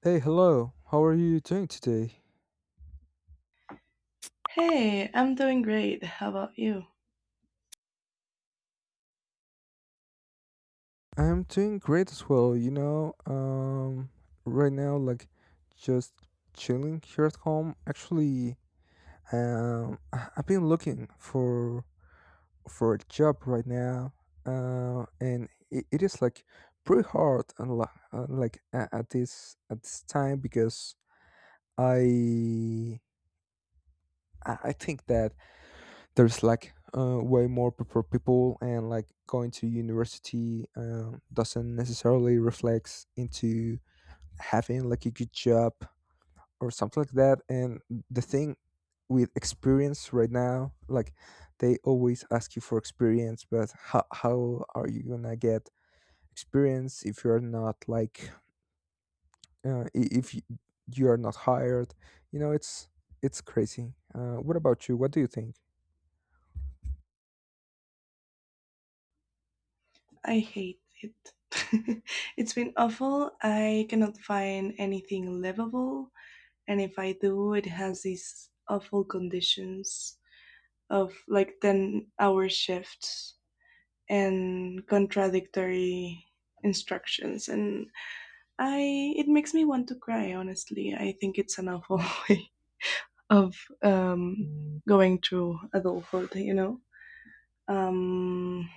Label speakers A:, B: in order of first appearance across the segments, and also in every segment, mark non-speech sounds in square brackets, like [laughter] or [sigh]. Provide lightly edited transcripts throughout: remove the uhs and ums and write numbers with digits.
A: Hey, hello. How are you doing today?
B: Hey, I'm doing great. How about you?
A: I'm doing great as well. Right now, like, just chilling here at home. Actually, I've been looking for a job right now, and it is like pretty hard and like at this time because I I think that there's like way more proper people, and like going to university doesn't necessarily reflects into having like a good job or something like that. And the thing with experience right now, like, they always ask you for experience, but how are you gonna get experience if you're not like I- if you are not hired. you know it's it's crazy. What about you? What do you think?
B: I hate it. [laughs] It's been awful. I cannot find anything livable, and if I do, it has these awful conditions of like 10-hour shifts and contradictory instructions and I it makes me want to cry honestly. I think it's an awful [laughs] way of going through adulthood, you know. Um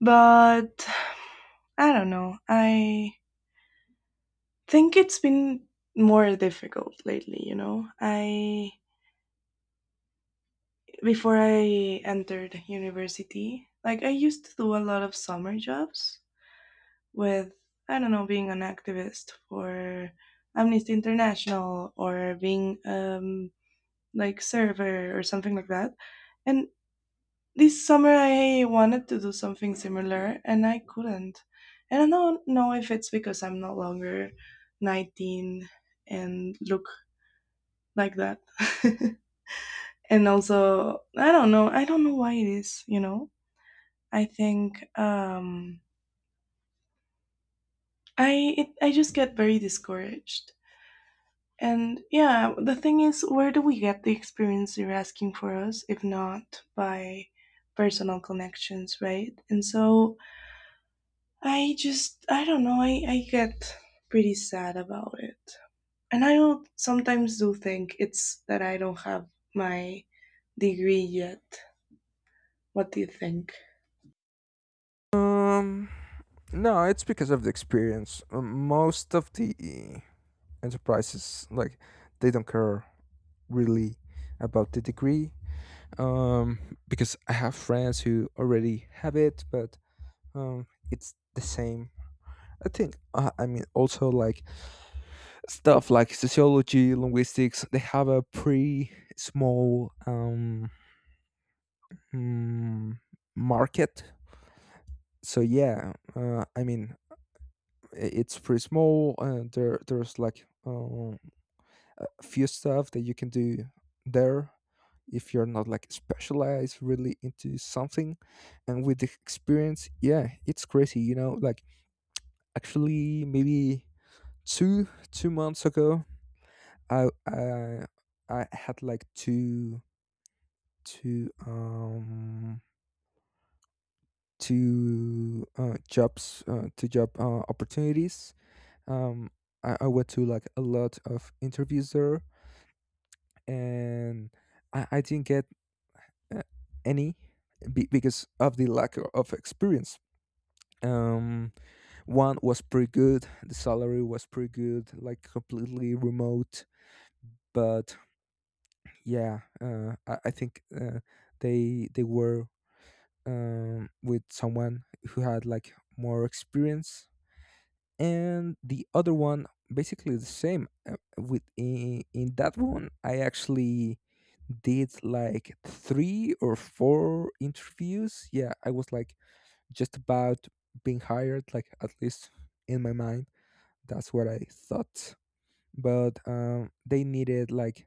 B: but I don't know. I think it's been more difficult lately, you know. I Before I entered university, like I used to do a lot of summer jobs with I don't know, being an activist for Amnesty International or being like server or something like that. And this summer I wanted to do something similar and I couldn't. And I don't know if it's because I'm no longer 19 and look like that. [laughs] And also, I don't know. I don't know why it is, you know? I think I just get very discouraged. And yeah, the thing is where do we get the experience you're asking for us if not by personal connections, right? And so I don't know, I get pretty sad about it. And I don't, sometimes do think it's that I don't have my degree yet. What do you think?
A: Um, no, it's because of the experience. Most of the enterprises, like, they don't care really about the degree. Because I have friends who already have it, but it's the same, I think. I mean, also like stuff like sociology, linguistics. They have a pretty small mm, market. So yeah, I mean, it's pretty small and there's like a few stuff that you can do there if you're not like specialized really into something. And with the experience, yeah, it's crazy, you know, like, actually maybe two two months ago i i, I had like two um two job opportunities. um I went to like a lot of interviews there, and I didn't get uh, any, because of the lack of experience. um One was pretty good, the salary was pretty good, like completely remote, but yeah, I think they were with someone who had like more experience. And the other one, basically the same, in that one I actually did like three or four interviews. Yeah, I was like just about being hired, like, at least in my mind, that's what I thought. But they needed like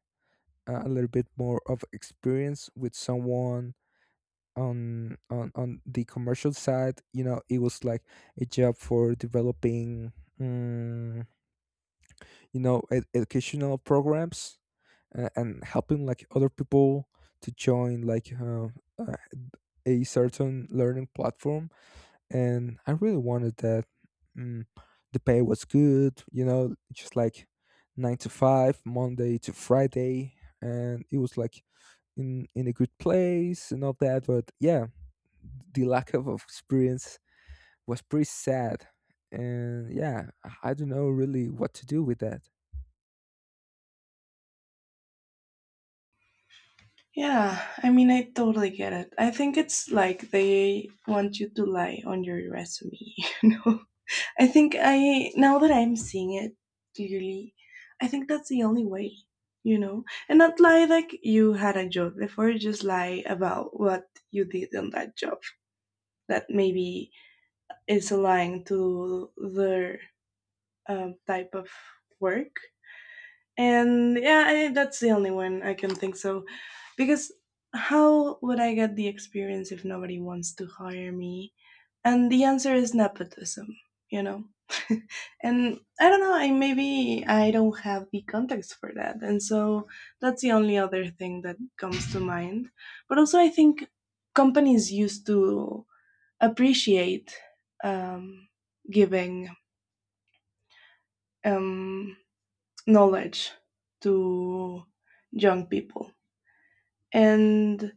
A: a little bit more of experience, with someone on the commercial side. It was like a job for developing, mm, educational programs, and helping like other people to join like uh, a certain learning platform. And I really wanted that. mm, the pay was good, you know, just like 9 to 5, Monday to Friday. And it was like in a good place and all that. But yeah, the lack of experience was pretty sad. And yeah, I don't know really what to do with that.
B: Yeah, I mean, I totally get it. I think it's like they want you to lie on your resume, [laughs] you know? Now that I'm seeing it clearly, I think that's the only way, you know? And not lie like you had a job before, just lie about what you did on that job. That maybe is aligned to their type of work. And yeah, that's the only one I can think so. Because how would I get the experience if nobody wants to hire me? And the answer is nepotism, you know? [laughs] And I don't know, I maybe I don't have the context for that. And so that's the only other thing that comes to mind. But also I think companies used to appreciate um, giving um, knowledge to young people. And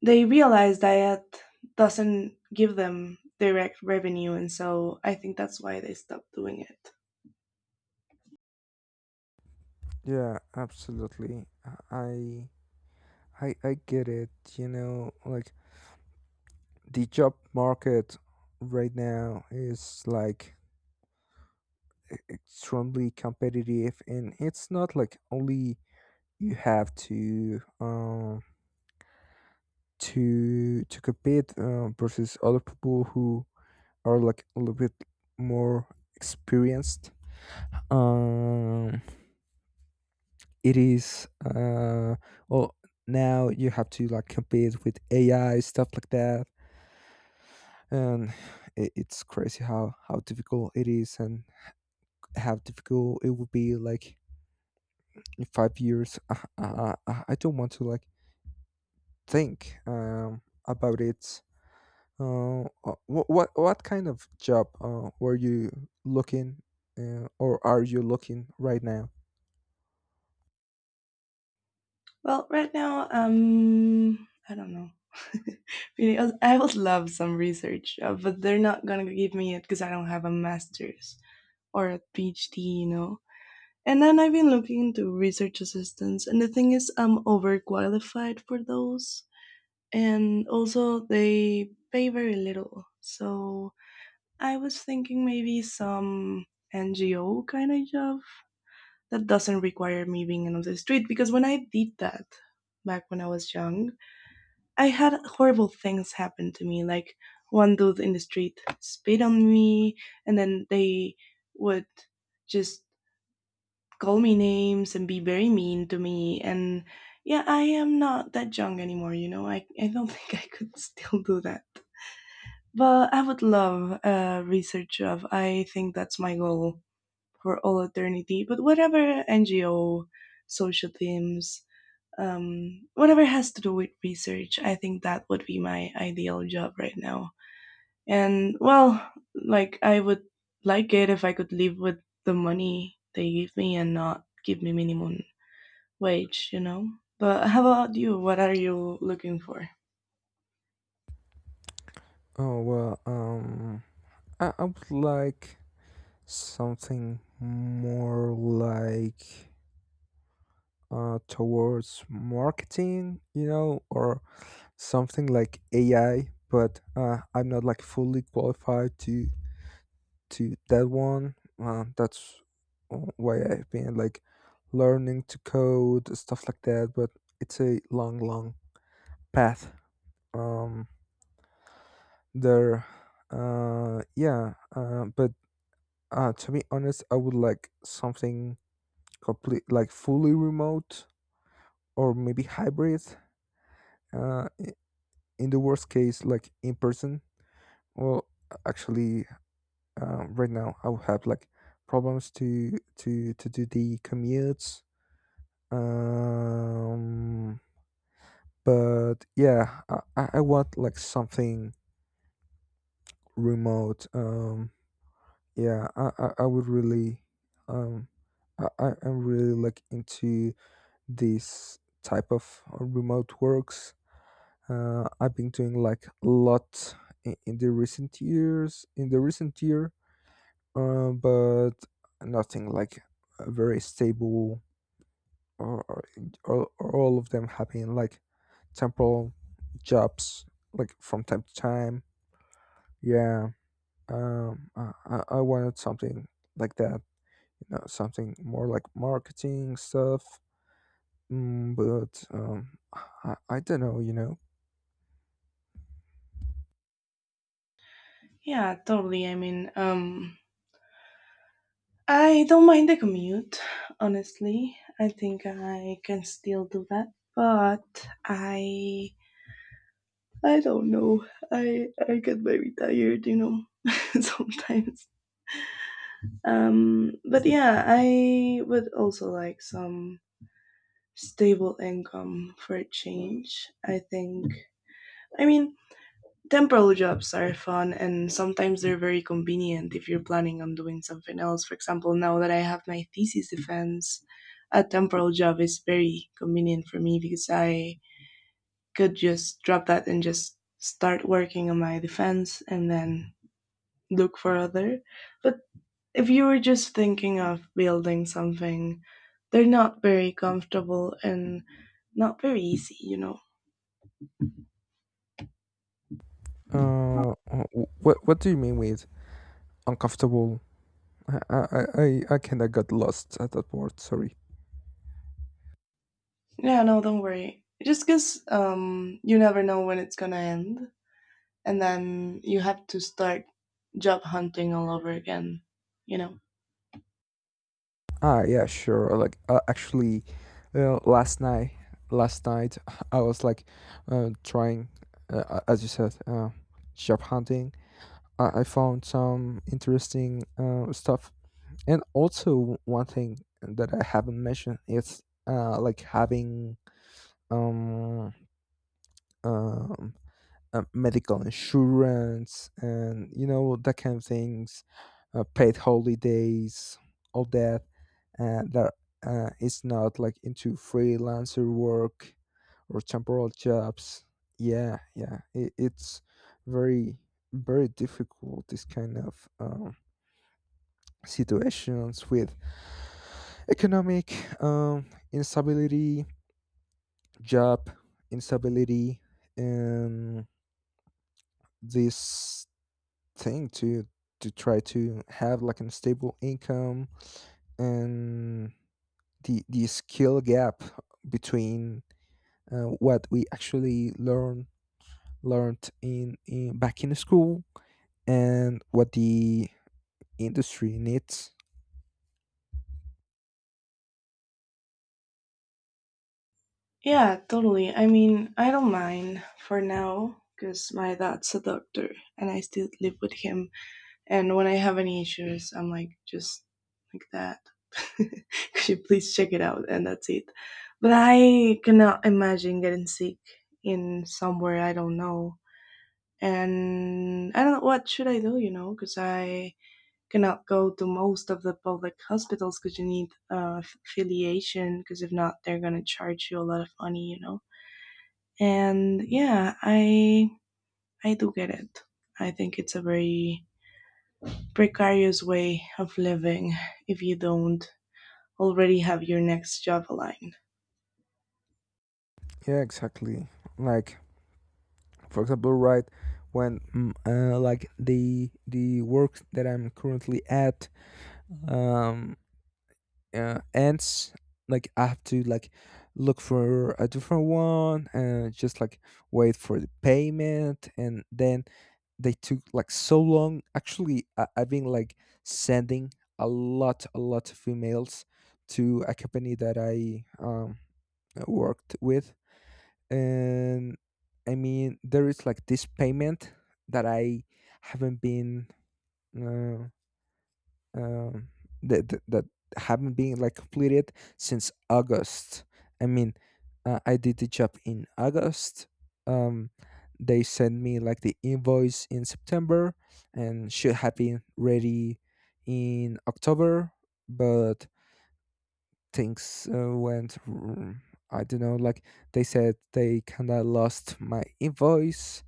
B: they realize that it doesn't give them direct revenue. And so I think that's why they stopped doing it.
A: Yeah, absolutely. I I get it. You know, like the job market right now is like extremely competitive, and it's not like only you have to compete versus other people who are like a little bit more experienced. Um, it is well, now you have to like compete with AI, stuff like that. And it's crazy how difficult it is, and how difficult it would be like in 5 years. I don't want to like think about it. uh what, what kind of job were you looking, or are you looking right now?
B: Well, right now, I don't know. [laughs] Really, I would love some research, but they're not gonna give me it because I don't have a master's or a PhD, you know. And then I've been looking into research assistants, and the thing is, I'm overqualified for those, and also they pay very little. So I was thinking maybe some NGO kind of job that doesn't require me being on the street, because when I did that back when I was young, I had horrible things happen to me. Like one dude in the street spit on me, and then they would just call me names and be very mean to me. And yeah, I am not that young anymore. You know, I don't [laughs] think I could still do that. But I would love a research job. I think that's my goal for all eternity. But whatever NGO, social teams, whatever has to do with research. I think that would be my ideal job right now. And well, like I would like it if I could live with the money they give me and not give me minimum wage, you know? But how about you? What are you looking for?
A: Oh, well, I would like something more like towards marketing, you know, or something like AI, but I'm not like fully qualified to that one. That's why I've been like learning to code, stuff like that. But it's a long, long path. Um, there, yeah. But to be honest, I would like something complete, like fully remote or maybe hybrid. Uh, i- in the worst case, like in person. Well, actually, right now I would have like problems to do the commutes. Um, but yeah, I want like something remote. Yeah, I would really, um, I am really like into this type of remote works. I've been doing like a lot in the recent years. In the recent year. But nothing like very stable, or, or, or all of them having like temporal jobs like from time to time. Yeah. I wanted something like that, you know, something more like marketing stuff. But I don't know, you know.
B: Yeah, totally. I mean, I don't mind the commute, honestly. I think I can still do that. But I don't know. I get very tired, you know, [laughs] sometimes. But yeah, I would also like some stable income for a change. I think. I mean, temporal jobs are fun, and sometimes they're very convenient if you're planning on doing something else. For example, now that I have my thesis defense, a temporal job is very convenient for me because I could just drop that and just start working on my defense and then look for other, but if you were just thinking of building something, they're not very comfortable and not very easy, you know.
A: Uh wh- what what do you mean with uncomfortable? I kind of got lost at that word, sorry.
B: Yeah, no, don't worry. Just because you never know when it's gonna end, and then you have to start job hunting all over again, you know.
A: Ah, yeah, sure. Like, actually, uh, last night, last night, [laughs] I was like, trying, as you said, job hunting. I found some interesting stuff, and also one thing that I haven't mentioned is like having um um medical insurance, and, you know, that kind of things, paid holidays, all that uh, that is not like into freelancer work or temporal jobs. Yeah, yeah, it's very, very difficult, this kind of situations with economic, um, instability, job instability, and this thing to try to have like a stable income, and the skill gap between what we actually learned in back in school, and what the industry needs.
B: Yeah, totally. I mean, I don't mind for now because my dad's a doctor and I still live with him. And when I have any issues, I'm like just like that. [laughs] Could you please check it out? And that's it. But I cannot imagine getting sick in somewhere I don't know. And I don't know what should I do, you know, because I cannot go to most of the public hospitals because you need affiliation. Because if not, they're gonna charge you a lot of money, you know. And yeah, I do get it. I think it's a very precarious way of living if you don't already have your next job aligned.
A: Yeah, exactly. Like, for example, when mm, like the work that I'm currently at, um ants, like I have to like look for a different one and just like wait for the payment. And then they took like so long. Actually, I've been like sending a lot, a lot of emails to a company that I worked with. And, I mean, there is like this payment that I haven't been uh, um, that, that that haven't been like completed since August. I mean, I did the job in August. Um, they sent me like the invoice in September, and should have been ready in October, but things uh, went r- I don't know, like, they said they kind of lost my invoice.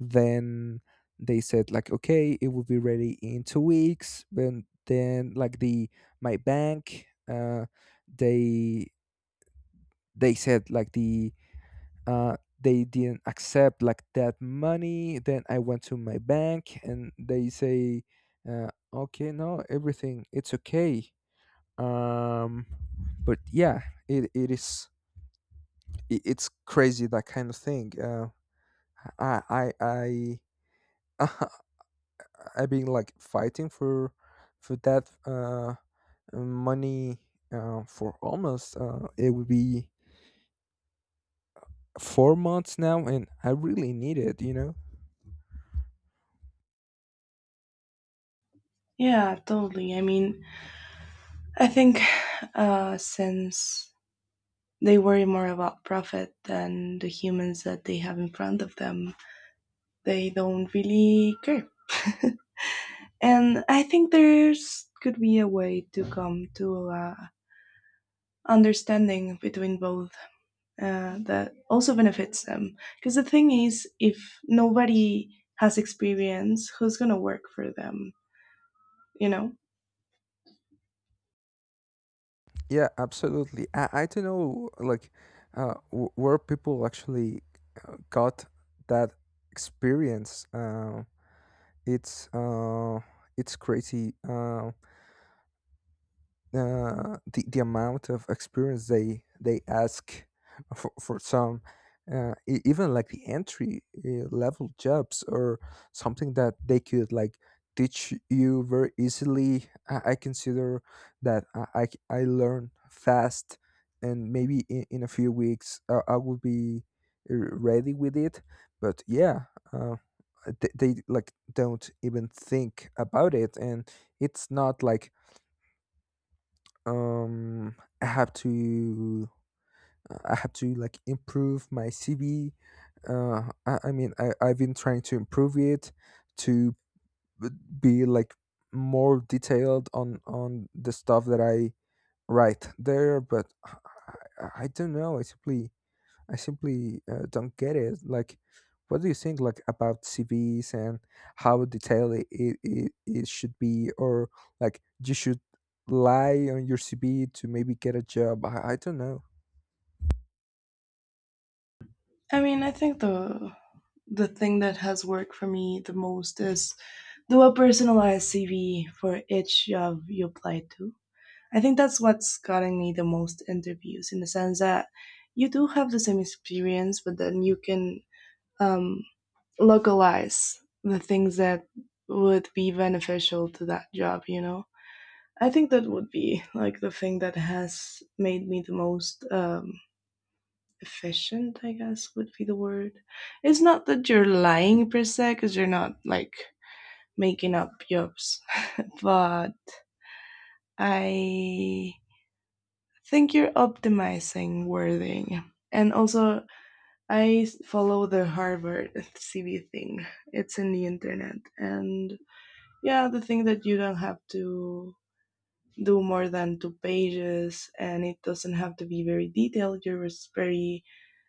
A: Then they said like, okay, it will be ready in 2 weeks, but then like the my bank, they they said like uh they didn't accept like that money. Then I went to my bank and they say, okay, no, everything it's okay. um but yeah, it, it is it's crazy, that kind of thing. I I I [laughs] I've been like fighting for that money for almost, it would be 4 months now, and I really need it.
B: Yeah, totally. I mean, I think since they worry more about profit than the humans that they have in front of them, they don't really care. [laughs] And I think there's could be a way to come to understanding between both that also benefits them. Because the thing is, if nobody has experience, who's gonna work for them? You know,
A: Yeah, absolutely. I don't know, like, where people actually got that experience. It's uh, it's crazy. The amount of experience they ask for some, even like the entry level jobs, or something that they could like teach you very easily. I consider that I learn fast, and maybe in a few weeks I will be ready with it. But yeah, uh, they like don't even think about it. And it's not like, I have to, like improve my CV. I mean, I've been trying to improve it, to b- be like more detailed on the stuff that I write there. But I I don't know. I simply don't get it. Like, what do you think like about CVs, and how detailed it should be? Or like, you should lie on your CV to maybe get a job? I don't know.
B: I mean, I think the thing that has worked for me the most is do a personalized CV for each job you apply to. I think that's what's gotten me the most interviews in the sense that you do have the same experience, but then you can um, localize the things that would be beneficial to that job, you know? I think that would be like the thing that has made me the most efficient, I guess would be the word. It's not that you're lying per se, because you're not like making up jobs, but I think you're optimizing wording. And also, I follow the Harvard CV thing. It's in the internet, and yeah, the thing that you don't have to do more than two pages and it doesn't have to be very detailed. Very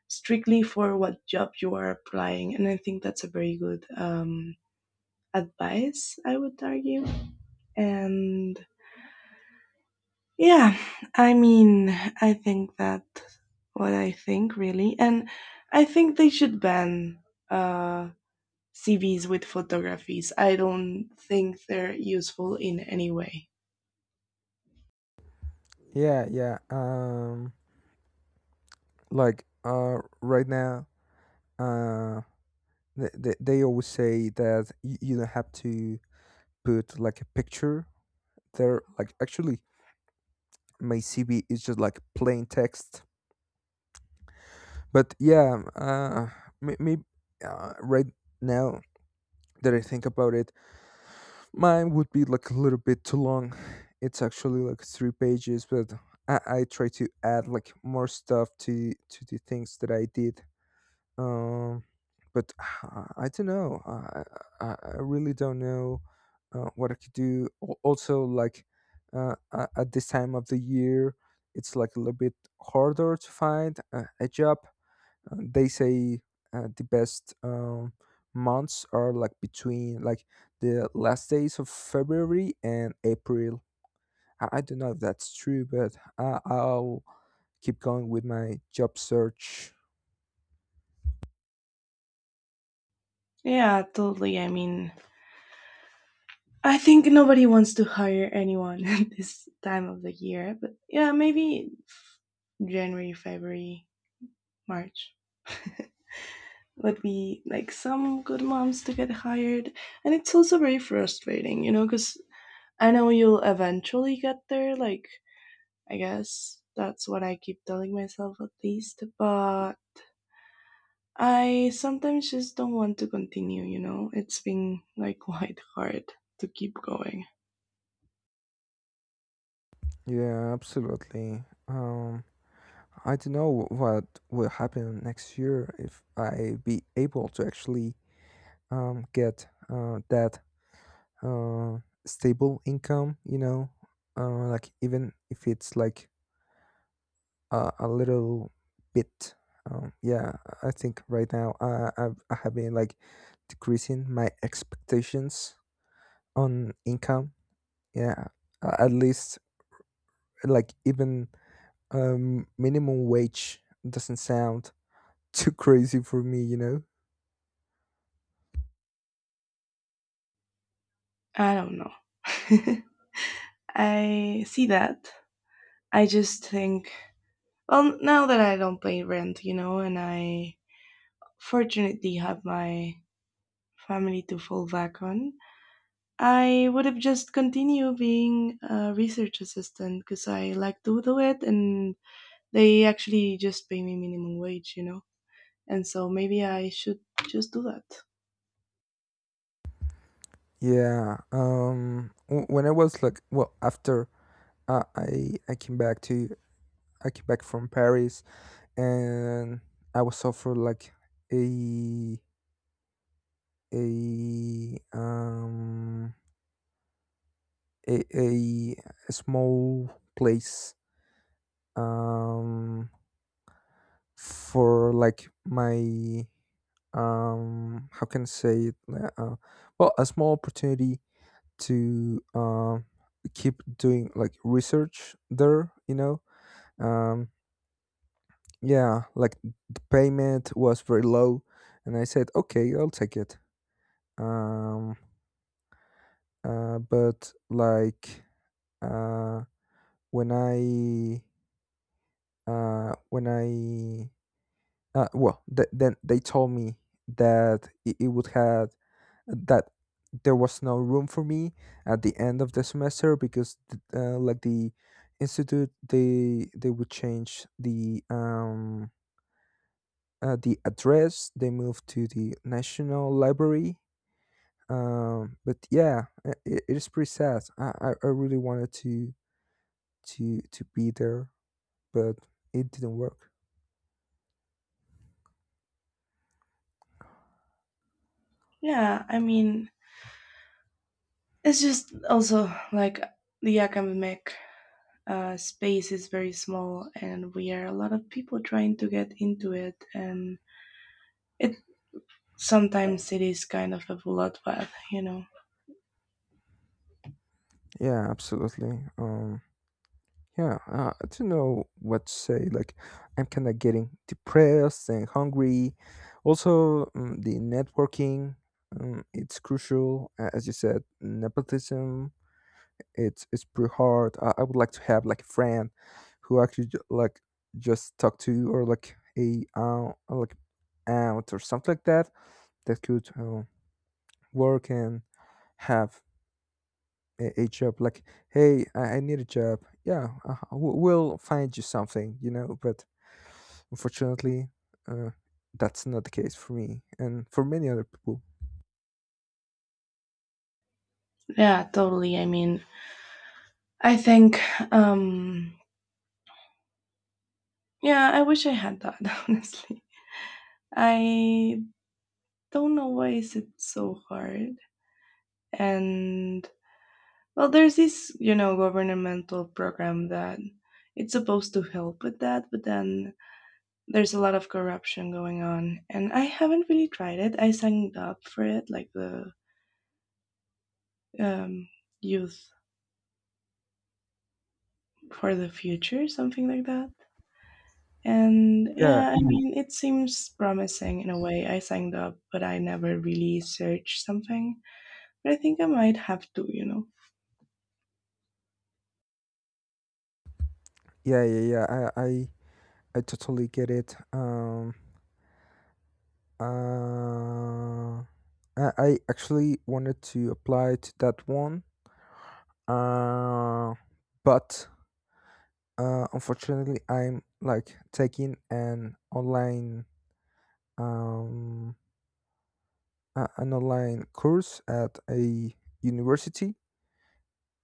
B: strictly for what job you are applying. And I think that's a very good advice, I would argue. And yeah, I mean, I think that what I think really. And I think they should ban uh, CVs with photographies. I don't think they're useful in any way.
A: Yeah, yeah. Like, right now, uh, they always say that you don't have to put like a picture there. Like, actually, my CV is just like plain text. But yeah, maybe right now that I think about it, mine would be like a little bit too long. It's actually like three pages, but I try to add like more stuff to the things that I did. Um, but [sighs] I don't know. I really don't know what I could do. Also, like, at this time of the year, it's like a little bit harder to find a job. They say the best months are like between like the last days of February and April. I don't know if that's true, but I'll keep going with my job search.
B: Yeah, totally. I mean, I think nobody wants to hire anyone [laughs] at this time of the year, but yeah, January, February, March [laughs] would be like some good moms to get hired. And it's also very frustrating, you know, because I know you'll eventually get there. Like, I guess that's what I keep telling myself at least. But I sometimes just don't want to continue, you know? It's been like [laughs] quite hard to keep going.
A: Yeah, absolutely. I don't know what will happen next year, if I be able to actually get that uh, stable income, you know, like even if it's like a little bit. Yeah, I think right now, I have been like decreasing my expectations on income. Yeah, at least like even minimum wage doesn't sound [laughs] too crazy for me, you know?
B: I don't know. [laughs] I see that. I just think, well, now that I don't pay rent, you know, and I fortunately have my family to fall back on, I would have just continued being a research assistant because I like to do it and they actually just pay me minimum wage, you know? And so maybe I should just do that.
A: Yeah. When I was like, well, after uh, I I came back to I came back from Paris, and I was offered like a a um a a, a small place um for like my how can I say it uh, well a small opportunity to keep doing like research there um, yeah, like the payment was very low, and I said, okay, I'll take it. um, but like, uh, when i when I well then they told me that it would have that there was no room for me at the end of the semester because like the institute, they would change the address. They moved to the national library. But yeah, it is pretty sad. I really wanted to to be there, but it didn't work.
B: Yeah, I mean, it's just also like the academic space is very small, and we are a lot of people trying to get into it, and it sometimes it is kind of a bloodbath, you know.
A: Yeah, absolutely. Yeah, I don't know what to say. Like, I'm kind of getting depressed and hungry. Also, the networking, it's crucial. As you said, nepotism, it's pretty hard. I would like to have like a friend who actually like just talk to, or like a like aunt or something like that, that could work and have a job like, hey, I need a job. Yeah. We'll find you something, you know, but unfortunately, uh, that's not the case for me and for many other people.
B: Yeah, totally. I mean, I think, um, yeah, I wish I had that, [laughs] honestly. I don't know why is it so hard. And well, there's this, you know, governmental program that it's supposed to help with that, but then there's a lot of corruption going on, and I haven't really tried it. I signed up for it, like the um, Youth for the Future, something like that. And
A: yeah
B: yeah, I mhm. mean, it seems promising in a way. I signed up, but I never really searched something. But I think I might have to, you know.
A: yeah yeah yeah i i, I totally get it. Uh I actually wanted to apply to that one, uh but unfortunately I'm like taking an online um an online course at a university.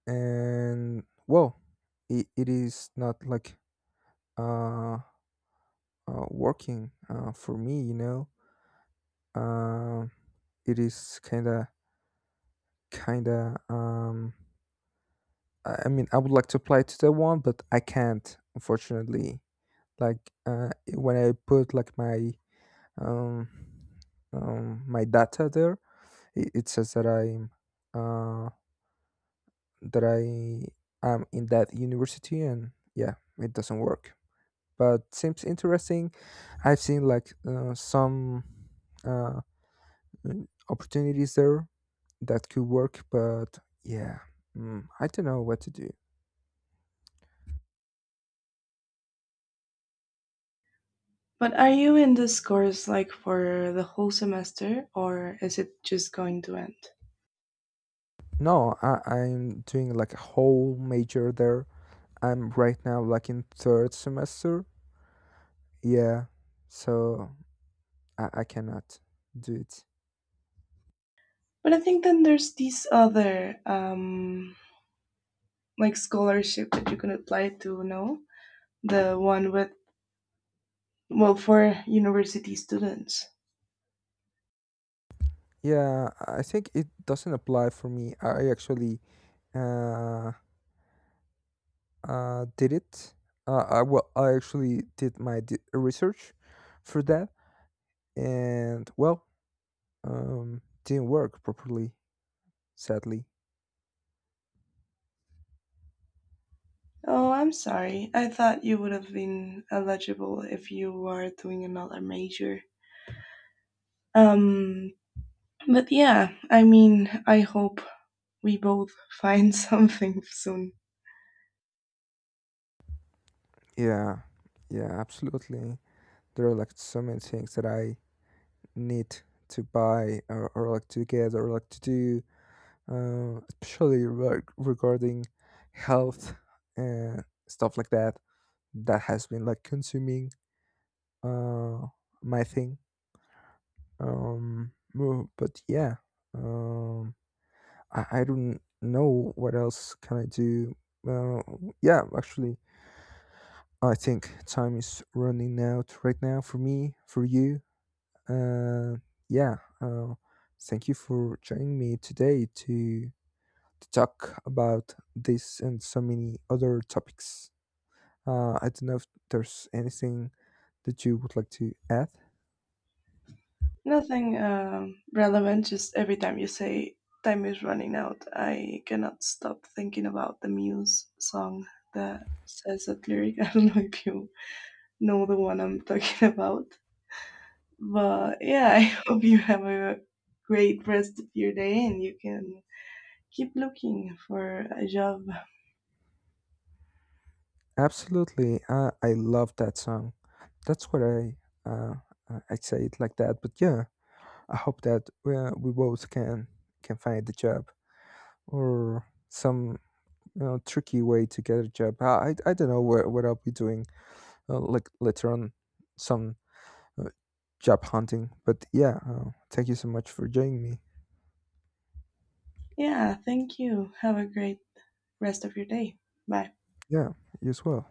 A: And well, it is not like uh, working, for me, you know. uh, it is kind of kind of, I mean, I would like to apply to that one, but I can't, unfortunately. Like, when I put like my um my data there, it says that uh I am in that university, and yeah, it doesn't work. But seems interesting. I've seen like some uh, opportunities there that could work, but yeah, I don't know what to do.
B: But are you in this course like for the whole semester, or is it just going to end?
A: No, I'm doing like a whole major there. I'm right now like in third semester. Yeah, so I cannot do it.
B: But I think then there's these other like scholarship that you can apply to, no? The one with well for university students.
A: Yeah, I think it doesn't apply for me. I actually uh, did it. I well, I actually did my research for that, and well, didn't work properly. Sadly,
B: Oh, I'm sorry. I thought you would have been eligible if you were doing another major. Um, but yeah, I mean, I hope we both find [laughs] something soon.
A: yeah, yeah, absolutely. There are like so many things that I need to buy, or like to get or like to do, especially regarding health and stuff like that. That has been like consuming uh my thing. Well, but yeah, um, I don't know what else can I do. Uh, yeah, actually, I think time is running out right now for me, for you. Uh, yeah, uh, thank you for joining me today to talk about this and so many other topics. I don't know if there's anything that you would like to add.
B: Nothing relevant, just every time you say time is running out, I cannot stop thinking about the Muse song that says that lyric. [laughs] I don't know if you know the one I'm talking about. But yeah, I [laughs] hope you have a great rest of your day and you can keep looking for a job.
A: Absolutely, I love that song. That's what uh, I say it like that. But yeah, I hope that we both can find the job or some, you know, tricky way to get a job. I don't know what I'll be doing like later on, some uh, job hunting. But yeah, thank you so much for joining me.
B: Yeah, thank you. Have a great rest of your day. Bye.
A: Yeah, you as well.